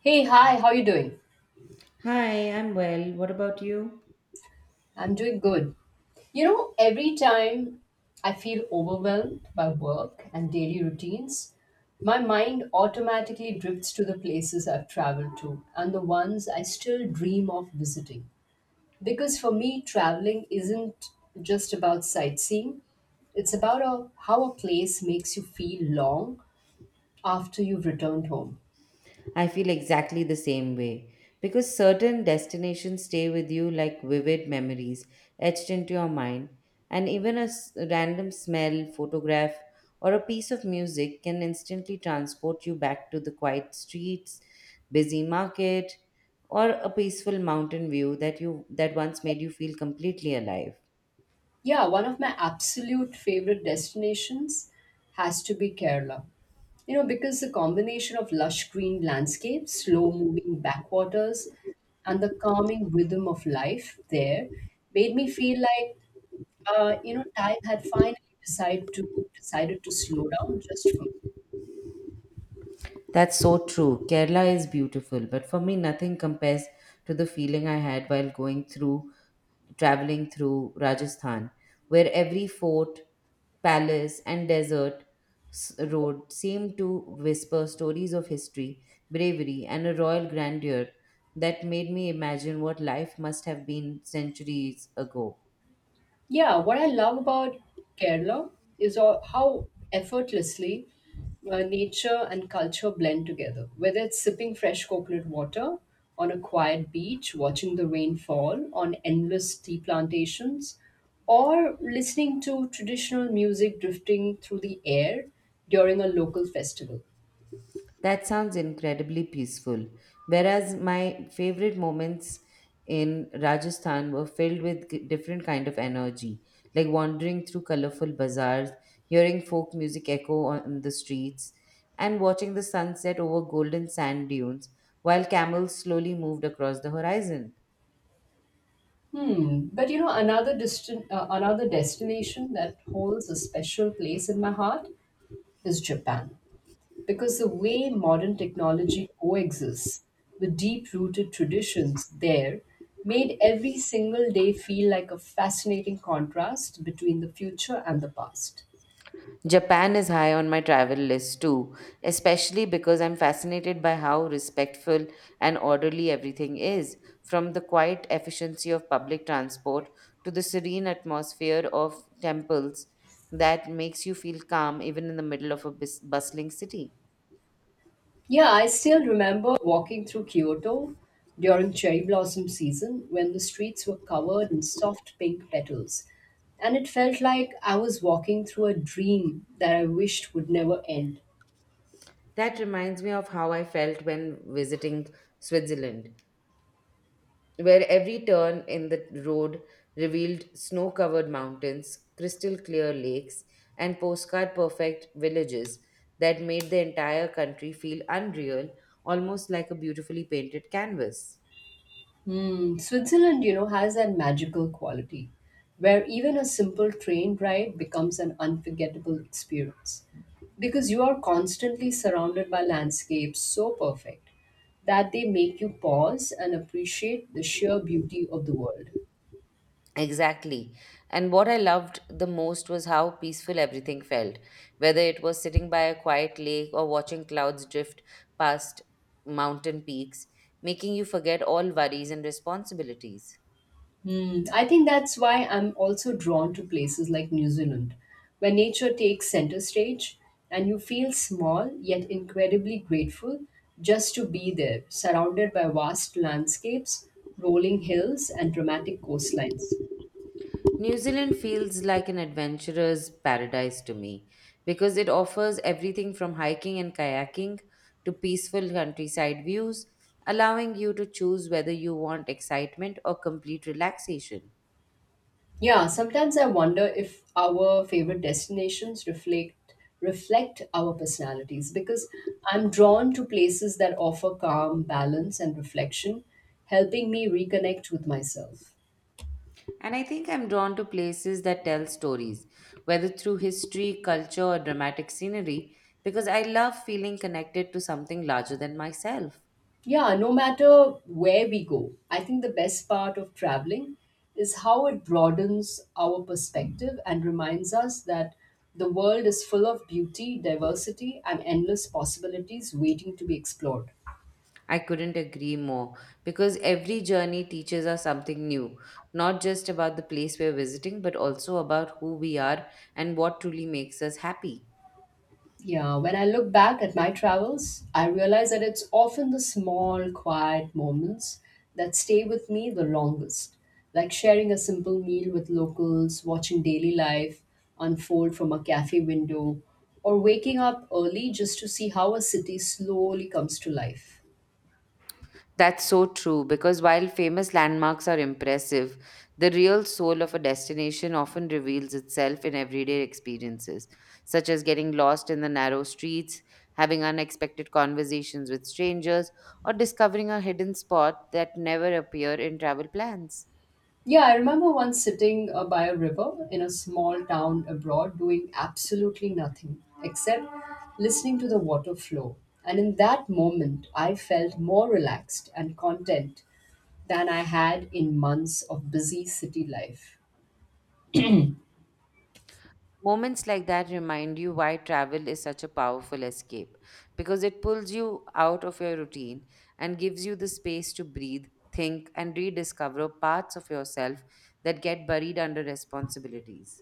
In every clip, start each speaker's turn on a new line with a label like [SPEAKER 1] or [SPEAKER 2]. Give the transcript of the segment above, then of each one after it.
[SPEAKER 1] Hey, hi, how you doing?
[SPEAKER 2] Hi, I'm well. What about you?
[SPEAKER 1] I'm doing good. You know, every time I feel overwhelmed by work and daily routines, my mind automatically drifts to the places I've traveled to and the ones I still dream of visiting. Because for me, traveling isn't just about sightseeing, it's about a, how a place makes you feel long after you've returned home.
[SPEAKER 2] I feel exactly the same way because certain destinations stay with you like vivid memories etched into your mind, and even a random smell, photograph, or a piece of music can instantly transport you back to the quiet streets, busy market, or a peaceful mountain view that once made you feel completely alive.
[SPEAKER 1] Yeah, one of my absolute favorite destinations has to be Kerala. You know, because the combination of lush green landscapes, slow moving backwaters, and the calming rhythm of life there made me feel like, time had finally decided to slow down just for.
[SPEAKER 2] That's so true. Kerala is beautiful, but for me, nothing compares to the feeling I had traveling through Rajasthan, where every fort, palace, and desert road seemed to whisper stories of history, bravery, and a royal grandeur that made me imagine what life must have been centuries ago.
[SPEAKER 1] Yeah, what I love about Kerala is how effortlessly nature and culture blend together. Whether it's sipping fresh coconut water on a quiet beach, watching the rain fall on endless tea plantations, or listening to traditional music drifting through the air during a local festival.
[SPEAKER 2] That sounds incredibly peaceful. Whereas my favorite moments in Rajasthan were filled with different kind of energy, like wandering through colorful bazaars, hearing folk music echo on the streets, and watching the sunset over golden sand dunes while camels slowly moved across the horizon.
[SPEAKER 1] Hmm. But you know, another another destination that holds a special place in my heart is Japan, because the way modern technology coexists with deep rooted traditions there made every single day feel like a fascinating contrast between the future and the past.
[SPEAKER 2] Japan is high on my travel list too, especially because I'm fascinated by how respectful and orderly everything is, from the quiet efficiency of public transport to the serene atmosphere of temples that makes you feel calm even in the middle of a bustling city.
[SPEAKER 1] Yeah, I still remember walking through Kyoto during cherry blossom season when the streets were covered in soft pink petals. And it felt like I was walking through a dream that I wished would never end.
[SPEAKER 2] That reminds me of how I felt when visiting Switzerland, where every turn in the road revealed snow covered mountains, crystal clear lakes, and postcard perfect villages that made the entire country feel unreal, almost like a beautifully painted canvas.
[SPEAKER 1] Hmm, Switzerland, you know, has that magical quality where even a simple train ride becomes an unforgettable experience because you are constantly surrounded by landscapes so perfect that they make you pause and appreciate the sheer beauty of the world.
[SPEAKER 2] Exactly. And what I loved the most was how peaceful everything felt, whether it was sitting by a quiet lake or watching clouds drift past mountain peaks, making you forget all worries and responsibilities.
[SPEAKER 1] Hmm, I think that's why I'm also drawn to places like New Zealand, where nature takes center stage and you feel small yet incredibly grateful just to be there, surrounded by vast landscapes, rolling hills, and dramatic coastlines.
[SPEAKER 2] New Zealand feels like an adventurer's paradise to me because it offers everything from hiking and kayaking to peaceful countryside views, allowing you to choose whether you want excitement or complete relaxation.
[SPEAKER 1] Yeah, sometimes I wonder if our favorite destinations reflect our personalities because I'm drawn to places that offer calm, balance, and reflection, helping me reconnect with myself.
[SPEAKER 2] And I think I'm drawn to places that tell stories, whether through history, culture, or dramatic scenery, because I love feeling connected to something larger than myself.
[SPEAKER 1] Yeah, no matter where we go, I think the best part of traveling is how it broadens our perspective and reminds us that the world is full of beauty, diversity, and endless possibilities waiting to be explored.
[SPEAKER 2] I couldn't agree more because every journey teaches us something new, not just about the place we're visiting, but also about who we are and what truly makes us happy.
[SPEAKER 1] Yeah, when I look back at my travels, I realize that it's often the small, quiet moments that stay with me the longest, like sharing a simple meal with locals, watching daily life unfold from a cafe window, or waking up early just to see how a city slowly comes to life.
[SPEAKER 2] That's so true because while famous landmarks are impressive, the real soul of a destination often reveals itself in everyday experiences, such as getting lost in the narrow streets, having unexpected conversations with strangers, or discovering a hidden spot that never appear in travel plans.
[SPEAKER 1] Yeah, I remember once sitting by a river in a small town abroad doing absolutely nothing except listening to the water flow. And in that moment, I felt more relaxed and content than I had in months of busy city life.
[SPEAKER 2] Moments like that remind you why travel is such a powerful escape because it pulls you out of your routine and gives you the space to breathe, think, and rediscover parts of yourself that get buried under responsibilities.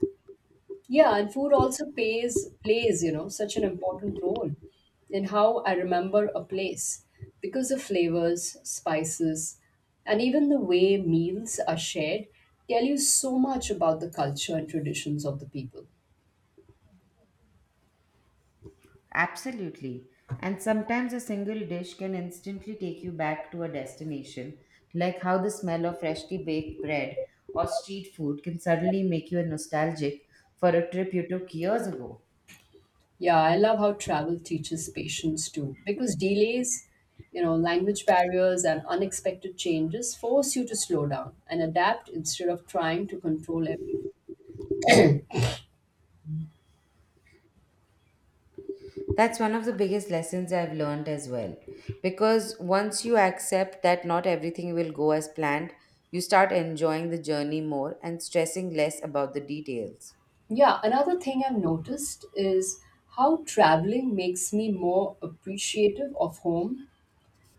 [SPEAKER 1] Yeah, and food also pays plays, you know, such an important role in how I remember a place because the flavors, spices, and even the way meals are shared tell you so much about the culture and traditions of the people.
[SPEAKER 2] Absolutely. And sometimes a single dish can instantly take you back to a destination, like how the smell of freshly baked bread or street food can suddenly make you nostalgic for a trip you took years ago.
[SPEAKER 1] Yeah, I love how travel teaches patience too because delays, you know, language barriers and unexpected changes force you to slow down and adapt instead of trying to control.
[SPEAKER 2] That's one of the biggest lessons I've learned as well. Because once you accept that not everything will go as planned, you start enjoying the journey more and stressing less about the details.
[SPEAKER 1] Yeah, another thing I've noticed is how traveling makes me more appreciative of home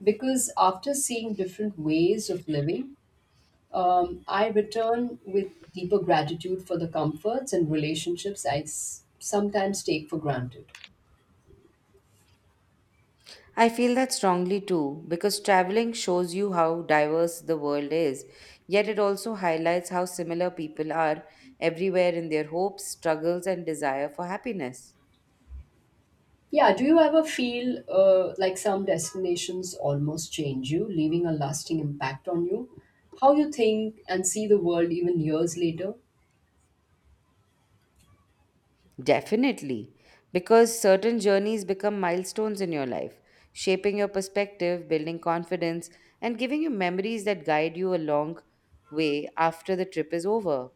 [SPEAKER 1] because after seeing different ways of living, I return with deeper gratitude for the comforts and relationships I sometimes take for granted.
[SPEAKER 2] I feel that strongly too, because traveling shows you how diverse the world is, yet it also highlights how similar people are everywhere in their hopes, struggles, and desire for happiness.
[SPEAKER 1] Yeah, do you ever feel like some destinations almost change you, leaving a lasting impact on you? How you think and see the world even years later?
[SPEAKER 2] Definitely, because certain journeys become milestones in your life, shaping your perspective, building confidence, and giving you memories that guide you a long way after the trip is over.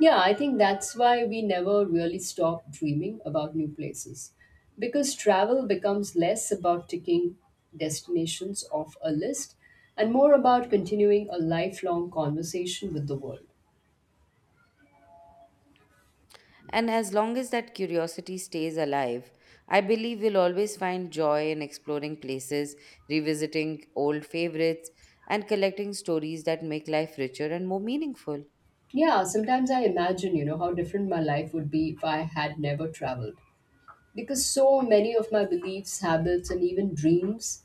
[SPEAKER 1] Yeah, I think that's why we never really stop dreaming about new places. Because travel becomes less about ticking destinations off a list and more about continuing a lifelong conversation with the world.
[SPEAKER 2] And as long as that curiosity stays alive, I believe we'll always find joy in exploring places, revisiting old favorites, and collecting stories that make life richer and more meaningful.
[SPEAKER 1] Yeah, sometimes I imagine, you know, how different my life would be if I had never traveled. Because so many of my beliefs, habits, and even dreams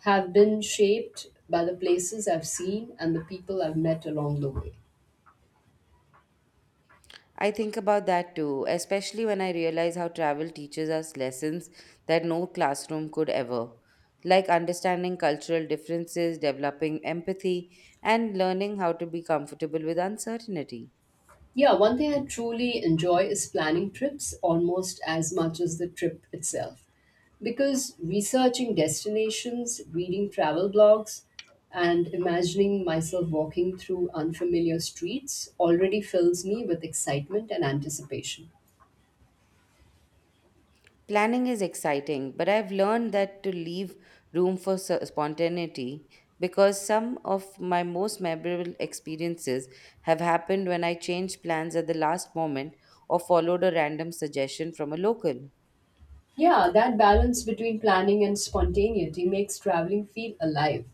[SPEAKER 1] have been shaped by the places I've seen and the people I've met along the way.
[SPEAKER 2] I think about that too, especially when I realize how travel teaches us lessons that no classroom could ever, like understanding cultural differences, developing empathy, and learning how to be comfortable with uncertainty.
[SPEAKER 1] Yeah, one thing I truly enjoy is planning trips almost as much as the trip itself. Because researching destinations, reading travel blogs, and imagining myself walking through unfamiliar streets already fills me with excitement and anticipation.
[SPEAKER 2] Planning is exciting, but I've learned that to leave room for spontaneity because some of my most memorable experiences have happened when I changed plans at the last moment or followed a random suggestion from a local.
[SPEAKER 1] Yeah, that balance between planning and spontaneity makes traveling feel alive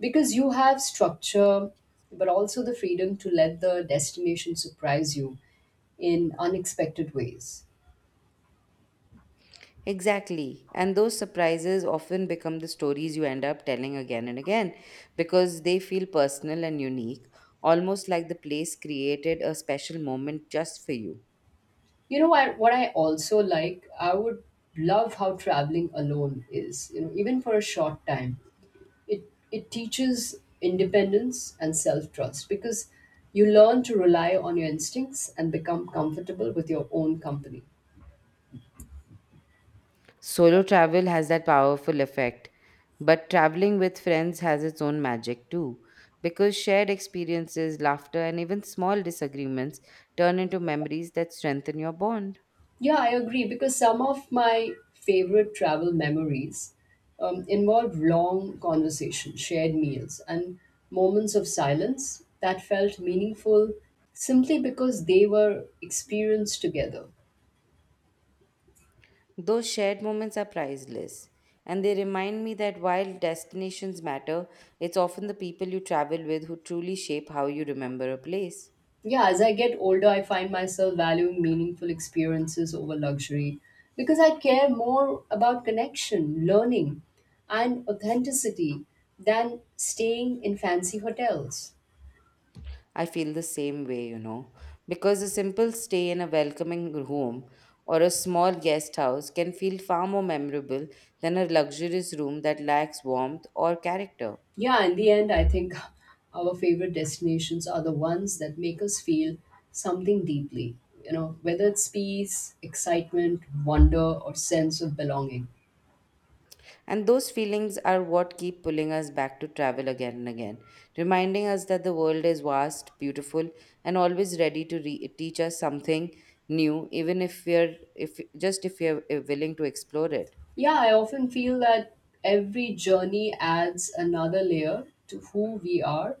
[SPEAKER 1] because you have structure but also the freedom to let the destination surprise you in unexpected ways.
[SPEAKER 2] Exactly. And those surprises often become the stories you end up telling again and again because they feel personal and unique, almost like the place created a special moment just for you.
[SPEAKER 1] You know what I also like? I would love how traveling alone is, you know, even for a short time. It it teaches independence and self-trust because you learn to rely on your instincts and become comfortable with your own company.
[SPEAKER 2] Solo travel has that powerful effect, but traveling with friends has its own magic too because shared experiences, laughter, and even small disagreements turn into memories that strengthen your bond.
[SPEAKER 1] Yeah, I agree because some of my favorite travel memories involved long conversations, shared meals, and moments of silence that felt meaningful simply because they were experienced together.
[SPEAKER 2] Those shared moments are priceless, and they remind me that while destinations matter, it's often the people you travel with who truly shape how you remember a place.
[SPEAKER 1] Yeah, as I get older, I find myself valuing meaningful experiences over luxury because I care more about connection, learning, and authenticity than staying in fancy hotels.
[SPEAKER 2] I feel the same way, you know, because a simple stay in a welcoming room or a small guest house can feel far more memorable than a luxurious room that lacks warmth or character.
[SPEAKER 1] Yeah, in the end, I think our favorite destinations are the ones that make us feel something deeply, you know, whether it's peace, excitement, wonder, or sense of belonging.
[SPEAKER 2] And those feelings are what keep pulling us back to travel again and again, reminding us that the world is vast, beautiful, and always ready to teach us something new, even if we're willing to explore it.
[SPEAKER 1] Yeah, I often feel that every journey adds another layer to who we are,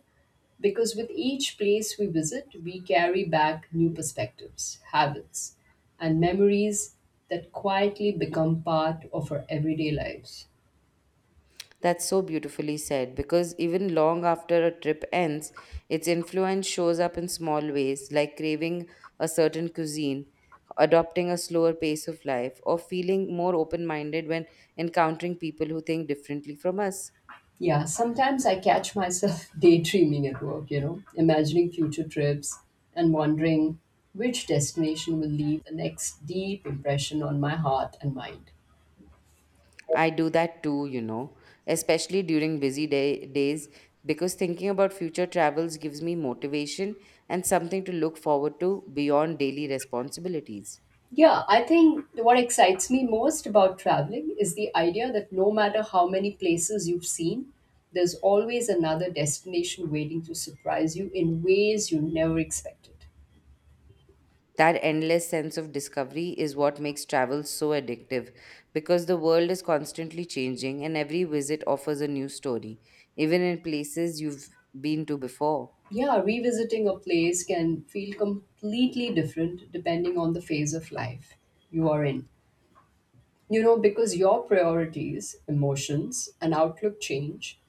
[SPEAKER 1] because with each place we visit, we carry back new perspectives, habits, and memories that quietly become part of our everyday lives.
[SPEAKER 2] That's so beautifully said because even long after a trip ends, its influence shows up in small ways, like craving a certain cuisine, adopting a slower pace of life, or feeling more open minded when encountering people who think differently from us.
[SPEAKER 1] Yeah, sometimes I catch myself daydreaming at work, you know, imagining future trips and wondering which destination will leave the next deep impression on my heart and mind.
[SPEAKER 2] I do that too, you know, especially during days, because thinking about future travels gives me motivation and something to look forward to beyond daily responsibilities.
[SPEAKER 1] Yeah, I think what excites me most about traveling is the idea that no matter how many places you've seen, there's always another destination waiting to surprise you in ways you never expected.
[SPEAKER 2] That endless sense of discovery is what makes travel so addictive because the world is constantly changing and every visit offers a new story, even in places you've been to before.
[SPEAKER 1] Yeah, revisiting a place can feel completely different depending on the phase of life you are in. You know, because your priorities, emotions, and outlook change,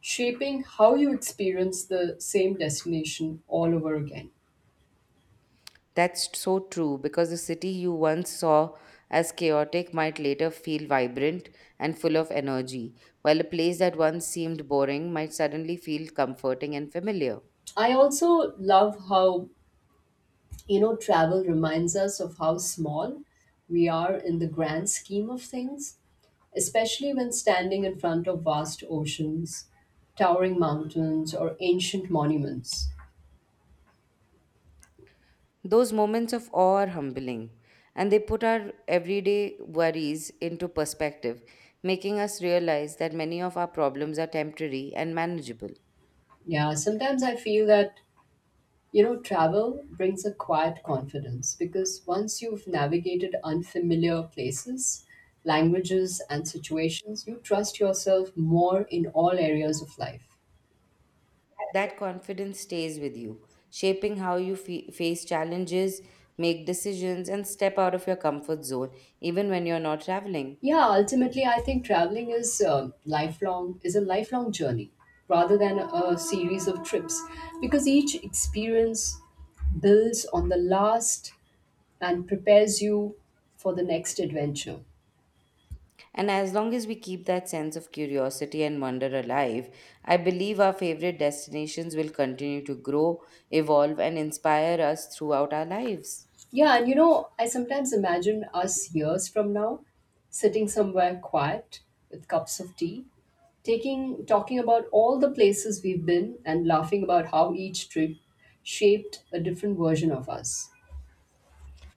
[SPEAKER 1] shaping how you experience the same destination all over again.
[SPEAKER 2] That's so true because the city you once saw as chaotic might later feel vibrant and full of energy, while a place that once seemed boring might suddenly feel comforting and familiar.
[SPEAKER 1] I also love how, you know, travel reminds us of how small we are in the grand scheme of things, especially when standing in front of vast oceans, towering mountains, or ancient monuments.
[SPEAKER 2] Those moments of awe are humbling, and they put our everyday worries into perspective, making us realize that many of our problems are temporary and manageable.
[SPEAKER 1] Yeah, sometimes I feel that, you know, travel brings a quiet confidence because once you've navigated unfamiliar places, languages, and situations, you trust yourself more in all areas of life.
[SPEAKER 2] That confidence stays with you, shaping how you face challenges, make decisions, and step out of your comfort zone, even when you're not traveling.
[SPEAKER 1] Yeah, ultimately, I think traveling is a lifelong journey rather than a series of trips because each experience builds on the last and prepares you for the next adventure.
[SPEAKER 2] And as long as we keep that sense of curiosity and wonder alive, I believe our favorite destinations will continue to grow, evolve, and inspire us throughout our lives.
[SPEAKER 1] Yeah, and you know, I sometimes imagine us years from now sitting somewhere quiet with cups of tea, taking talking about all the places we've been and laughing about how each trip shaped a different version of us.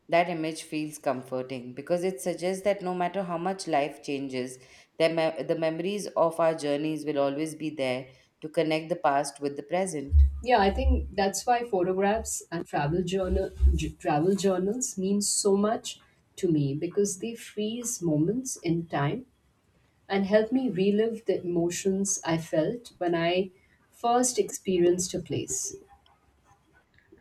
[SPEAKER 2] That image feels comforting because it suggests that no matter how much life changes, the memories of our journeys will always be there to connect the past with the present.
[SPEAKER 1] Yeah, I think that's why photographs and travel journals mean so much to me because they freeze moments in time and help me relive the emotions I felt when I first experienced a place.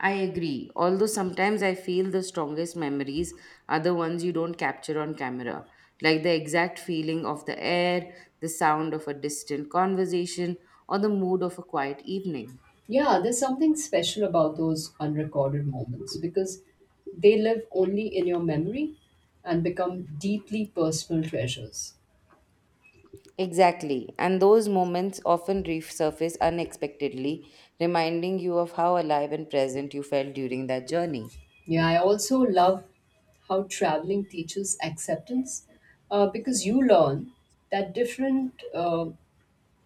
[SPEAKER 2] I agree. Although sometimes I feel the strongest memories are the ones you don't capture on camera, like the exact feeling of the air, the sound of a distant conversation, or the mood of a quiet evening.
[SPEAKER 1] Yeah, there's something special about those unrecorded moments because they live only in your memory and become deeply personal treasures.
[SPEAKER 2] Exactly. And those moments often resurface unexpectedly, reminding you of how alive and present you felt during that journey.
[SPEAKER 1] Yeah, I also love how traveling teaches acceptance uh, because you learn that different, uh,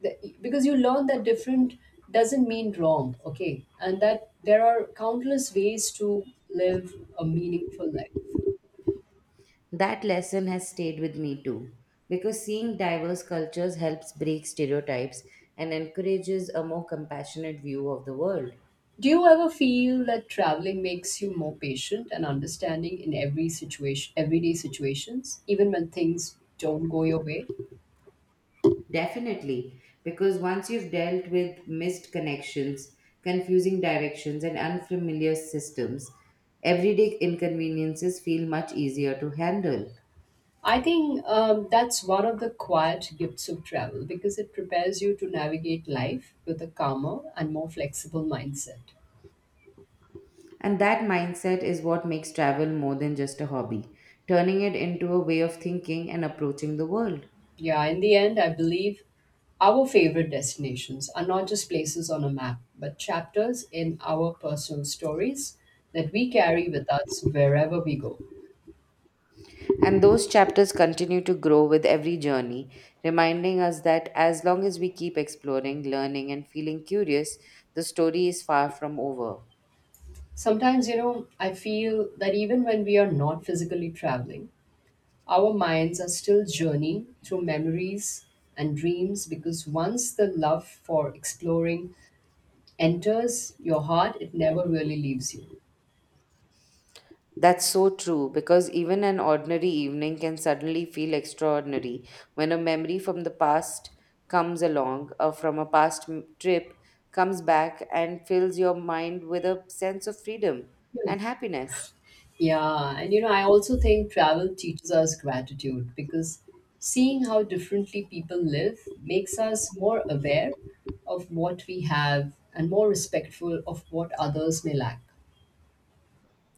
[SPEAKER 1] because you learn that different doesn't mean wrong, okay? And that there are countless ways to live a meaningful life.
[SPEAKER 2] That lesson has stayed with me too, because seeing diverse cultures helps break stereotypes and encourages a more compassionate view of the world.
[SPEAKER 1] Do you ever feel that traveling makes you more patient and understanding in everyday situations, even when things don't go your way?
[SPEAKER 2] Definitely, because once you've dealt with missed connections, confusing directions, and unfamiliar systems, everyday inconveniences feel much easier to handle.
[SPEAKER 1] I think that's one of the quiet gifts of travel because it prepares you to navigate life with a calmer and more flexible mindset.
[SPEAKER 2] And that mindset is what makes travel more than just a hobby, turning it into a way of thinking and approaching the world.
[SPEAKER 1] Yeah, in the end, I believe our favorite destinations are not just places on a map, but chapters in our personal stories that we carry with us wherever we go.
[SPEAKER 2] And those chapters continue to grow with every journey, reminding us that as long as we keep exploring, learning, and feeling curious, the story is far from over.
[SPEAKER 1] Sometimes, you know, I feel that even when we are not physically traveling, our minds are still journeying through memories and dreams because once the love for exploring enters your heart, it never really leaves you.
[SPEAKER 2] That's so true because even an ordinary evening can suddenly feel extraordinary when a memory from the past comes along or from a past trip comes back and fills your mind with a sense of freedom
[SPEAKER 1] You.
[SPEAKER 2] and happiness.
[SPEAKER 1] Yeah, and you know, I also think travel teaches us gratitude because seeing how differently people live makes us more aware of what we have and more respectful of what others may lack.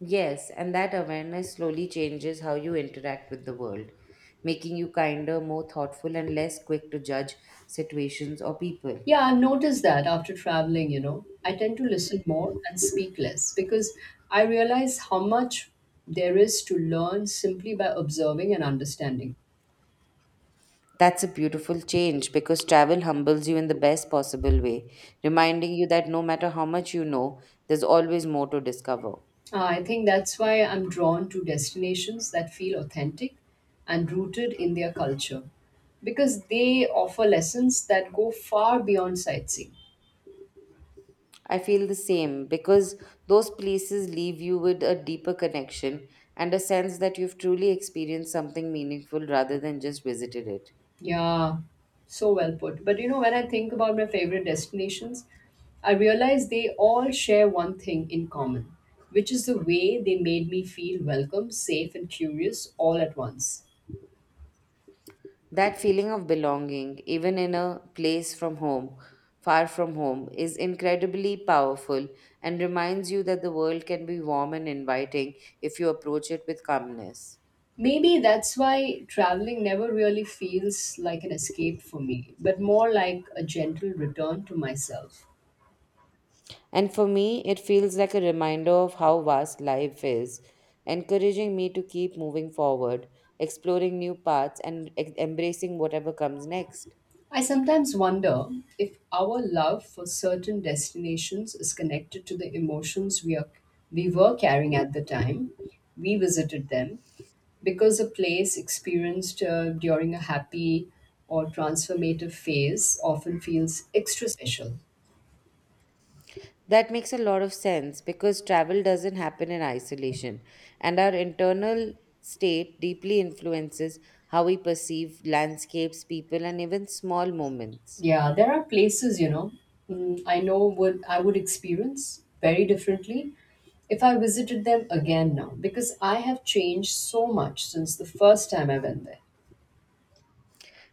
[SPEAKER 2] Yes, and that awareness slowly changes how you interact with the world, making you kinder, more thoughtful, and less quick to judge situations or people.
[SPEAKER 1] Yeah, I've noticed that after traveling, you know, I tend to listen more and speak less because I realize how much there is to learn simply by observing and understanding.
[SPEAKER 2] That's a beautiful change because travel humbles you in the best possible way, reminding you that no matter how much you know, there's always more to discover.
[SPEAKER 1] I think that's why I'm drawn to destinations that feel authentic and rooted in their culture because they offer lessons that go far beyond sightseeing.
[SPEAKER 2] I feel the same because those places leave you with a deeper connection and a sense that you've truly experienced something meaningful rather than just visited it.
[SPEAKER 1] Yeah, so well put. But you know, when I think about my favorite destinations, I realize they all share one thing in common, which is the way they made me feel welcome, safe, and curious all at once.
[SPEAKER 2] That feeling of belonging, even in a far from home, is incredibly powerful and reminds you that the world can be warm and inviting if you approach it with calmness.
[SPEAKER 1] Maybe that's why traveling never really feels like an escape for me, but more like a gentle return to myself.
[SPEAKER 2] And for me, it feels like a reminder of how vast life is, encouraging me to keep moving forward, exploring new paths, and embracing whatever comes next.
[SPEAKER 1] I sometimes wonder if our love for certain destinations is connected to the emotions we were carrying at the time we visited them, because a place experienced during a happy or transformative phase often feels extra special.
[SPEAKER 2] That makes a lot of sense because travel doesn't happen in isolation, and our internal state deeply influences how we perceive landscapes, people, and even small moments.
[SPEAKER 1] Yeah, there are places, I know would I would experience very differently if I visited them again now because I have changed so much since the first time I went there.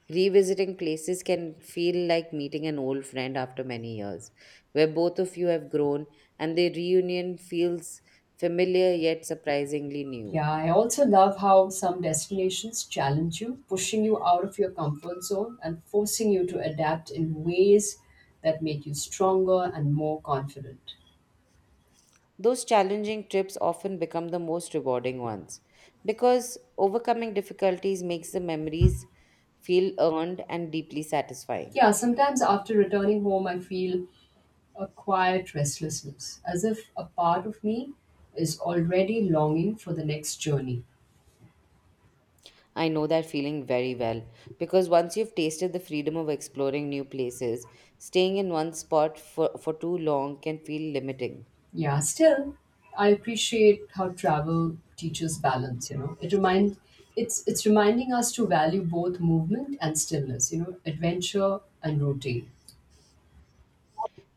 [SPEAKER 2] Revisiting places can feel like meeting an old friend after many years, where both of you have grown and the reunion feels familiar yet surprisingly new.
[SPEAKER 1] Yeah, I also love how some destinations challenge you, pushing you out of your comfort zone and forcing you to adapt in ways that make you stronger and more confident.
[SPEAKER 2] Those challenging trips often become the most rewarding ones because overcoming difficulties makes the memories feel earned and deeply satisfying.
[SPEAKER 1] Yeah, sometimes after returning home, I feel a quiet restlessness, as if a part of me is already longing for the next journey.
[SPEAKER 2] I know that feeling very well because once you've tasted the freedom of exploring new places, staying in one spot for too long can feel limiting.
[SPEAKER 1] Yeah, still, I appreciate how travel teaches balance, you know. It remind it's reminding us to value both movement and stillness, you know, adventure and routine.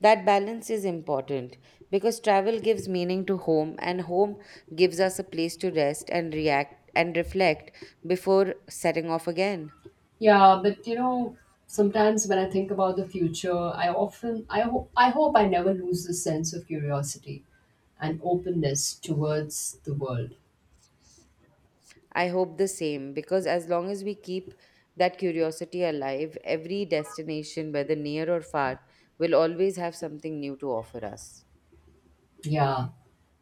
[SPEAKER 2] That balance is important because travel gives meaning to home, and home gives us a place to rest and react and reflect before setting off again.
[SPEAKER 1] Yeah, but you know, sometimes when I think about the future, I often I hope I hope I never lose the sense of curiosity and openness towards the world.
[SPEAKER 2] I hope the same because as long as we keep that curiosity alive, every destination, whether near or far, will always have something new to offer us.
[SPEAKER 1] Yeah.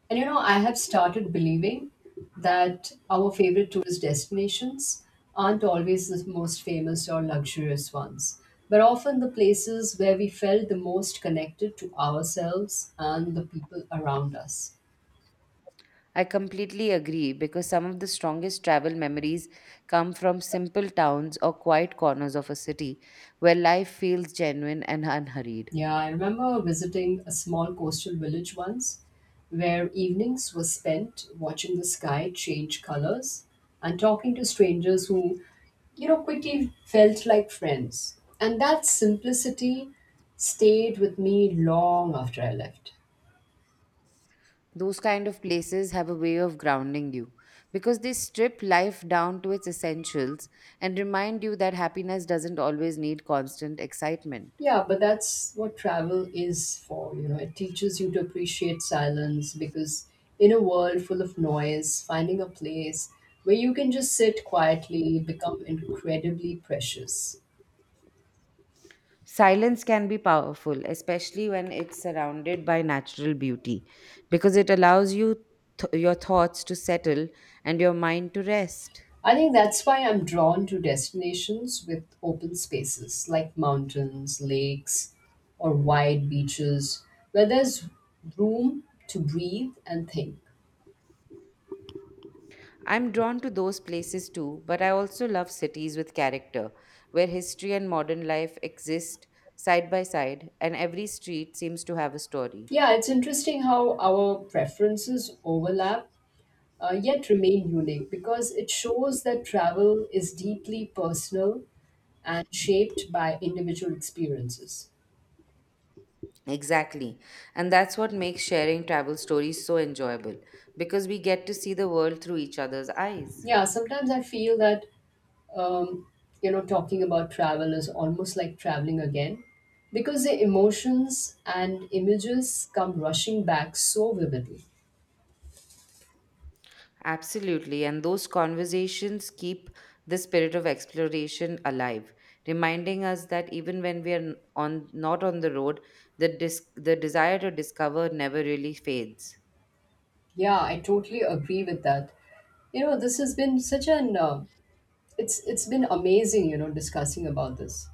[SPEAKER 1] And you know, I have started believing that our favorite tourist destinations aren't always the most famous or luxurious ones, but often the places where we felt the most connected to ourselves and the people around us.
[SPEAKER 2] I completely agree because some of the strongest travel memories come from simple towns or quiet corners of a city where life feels genuine and unhurried.
[SPEAKER 1] Yeah, I remember visiting a small coastal village once where evenings were spent watching the sky change colors and talking to strangers who, you know, quickly felt like friends. And that simplicity stayed with me long after I left.
[SPEAKER 2] Those kind of places have a way of grounding you because they strip life down to its essentials and remind you that happiness doesn't always need constant excitement.
[SPEAKER 1] Yeah, but that's what travel is for. You know, it teaches you to appreciate silence because in a world full of noise, finding a place where you can just sit quietly become incredibly precious.
[SPEAKER 2] Silence can be powerful, especially when it's surrounded by natural beauty, because it allows your thoughts to settle and your mind to rest.
[SPEAKER 1] I think that's why I'm drawn to destinations with open spaces like mountains, lakes, or wide beaches where there's room to breathe and think.
[SPEAKER 2] I'm drawn to those places too, but I also love cities with character, where history and modern life exist side by side, and every street seems to have a story.
[SPEAKER 1] Yeah, it's interesting how our preferences overlap yet remain unique because it shows that travel is deeply personal and shaped by individual experiences.
[SPEAKER 2] Exactly. And that's what makes sharing travel stories so enjoyable, because we get to see the world through each other's eyes.
[SPEAKER 1] Yeah, sometimes I feel that um, you know, talking about travel is almost like traveling again because the emotions and images come rushing back so vividly.
[SPEAKER 2] Absolutely. And those conversations keep the spirit of exploration alive, reminding us that even when we are n- on not on the road, the desire to discover never really fades.
[SPEAKER 1] Yeah, I totally agree with that. You know, this has been such an it's been amazing, you know, discussing about this.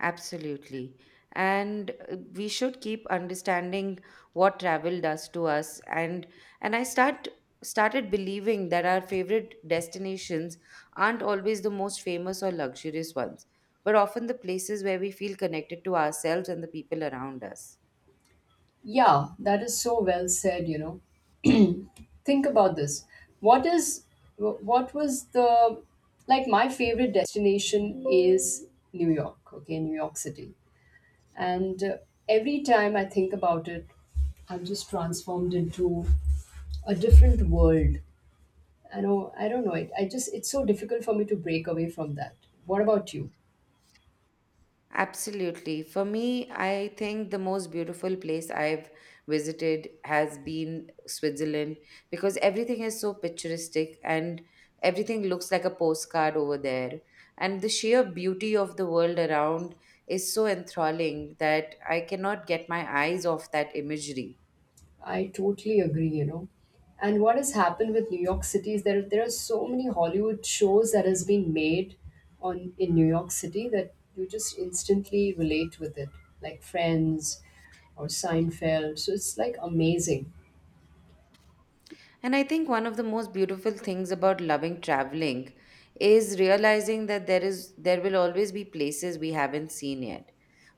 [SPEAKER 2] Absolutely. And we should keep understanding what travel does to us. And I start started believing that our favorite destinations aren't always the most famous or luxurious ones, but often the places where we feel connected to ourselves and the people around us.
[SPEAKER 1] Yeah, that is so well said, you know. Think about this. What is what was the like my favorite destination is New York, okay, New York City. And Every time I think about it, I'm just transformed into a different world. I know I don't know it. I just it's so difficult for me to break away from that. What about you?
[SPEAKER 2] Absolutely. For me, I think the most beautiful place I've visited has been Switzerland because everything is so picturesque and everything looks like a postcard over there. And the sheer beauty of the world around is so enthralling that I cannot get my eyes off that imagery.
[SPEAKER 1] I totally agree, you know. And what has happened with New York City is there are so many Hollywood shows that has been made on in New York City that you just instantly relate with it, like Friends or Seinfeld. So it's like amazing.
[SPEAKER 2] And I think one of the most beautiful things about loving traveling is realizing that there will always be places we haven't seen yet,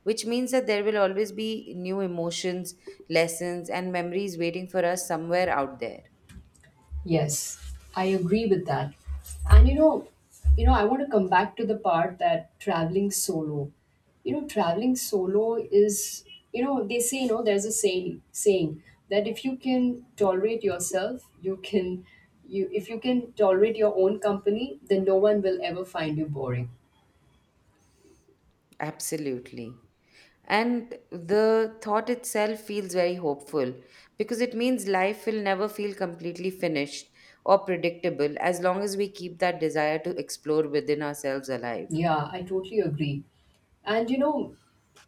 [SPEAKER 2] which means that there will always be new emotions, lessons and memories waiting for us somewhere out there.
[SPEAKER 1] Yes, I agree with that. And you know, I want to come back to the part that traveling solo. You know, traveling solo is, you know, they say, you know, there's a saying that if you can tolerate yourself, you if you can tolerate your own company, then no one will ever find you boring.
[SPEAKER 2] Absolutely. And the thought itself feels very hopeful because it means life will never feel completely finished or predictable as long as we keep that desire to explore within ourselves alive.
[SPEAKER 1] Yeah, I totally agree. And you know,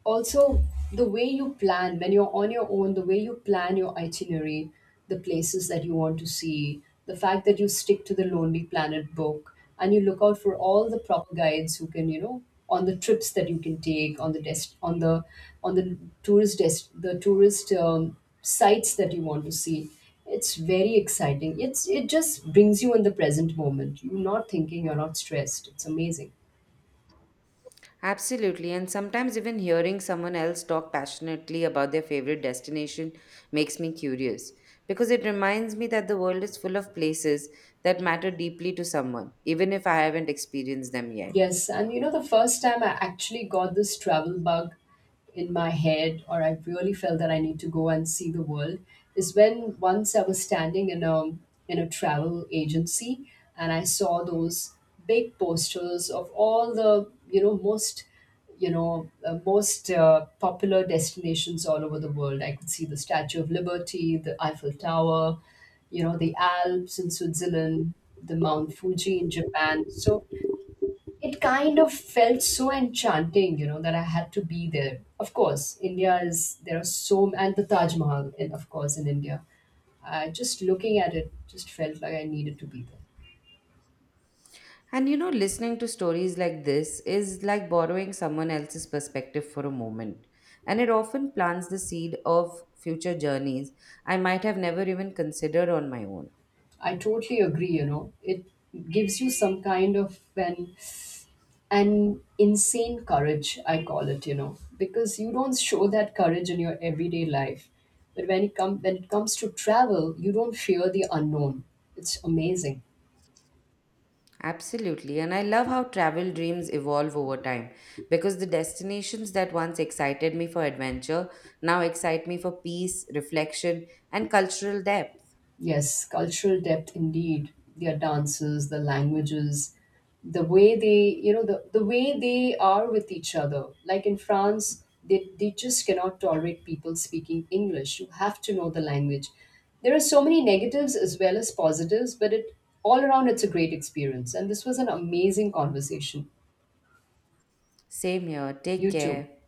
[SPEAKER 1] also the way you plan when you're on your own, the way you plan your itinerary, the places that you want to see, the fact that you stick to the Lonely Planet book and you look out for all the proper guides who can, you know, on the trips that you can take, on the tourist the tourist sites that you want to see. It's very exciting. It's it just brings you in the present moment. You're not thinking, you're not stressed. It's amazing.
[SPEAKER 2] Absolutely, and sometimes even hearing someone else talk passionately about their favorite destination makes me curious because it reminds me that the world is full of places that matter deeply to someone, even if I haven't experienced them yet.
[SPEAKER 1] Yes, and you know, the first time I actually got this travel bug in my head, or I really felt that I need to go and see the world, is when once I was standing in a travel agency and I saw those big posters of all the you know most popular destinations all over the world. I could see the Statue of Liberty, the Eiffel Tower, you know the Alps in Switzerland, the Mount Fuji in Japan. So it kind of felt so enchanting, you know, that I had to be there. Of course, India is there are so and the Taj Mahal, and of course in India, I just looking at it just felt like I needed to be there.
[SPEAKER 2] And you know, listening to stories like this is like borrowing someone else's perspective for a moment, and it often plants the seed of future journeys I might have never even considered on my own.
[SPEAKER 1] I totally agree. You know, it gives you some kind of an insane courage. I call it. You know, because you don't show that courage in your everyday life, but when it comes to travel, you don't fear the unknown. It's amazing.
[SPEAKER 2] Absolutely. And I love how travel dreams evolve over time because the destinations that once excited me for adventure now excite me for peace, reflection, and cultural depth.
[SPEAKER 1] Yes, cultural depth indeed. Their dances, the languages, the way they, you know, the way they are with each other. Like in France, they just cannot tolerate people speaking English. You have to know the language. There are so many negatives as well as positives, but it all around it's a great experience. And this was an amazing conversation.
[SPEAKER 2] Same here. Take
[SPEAKER 1] You too.
[SPEAKER 2] care.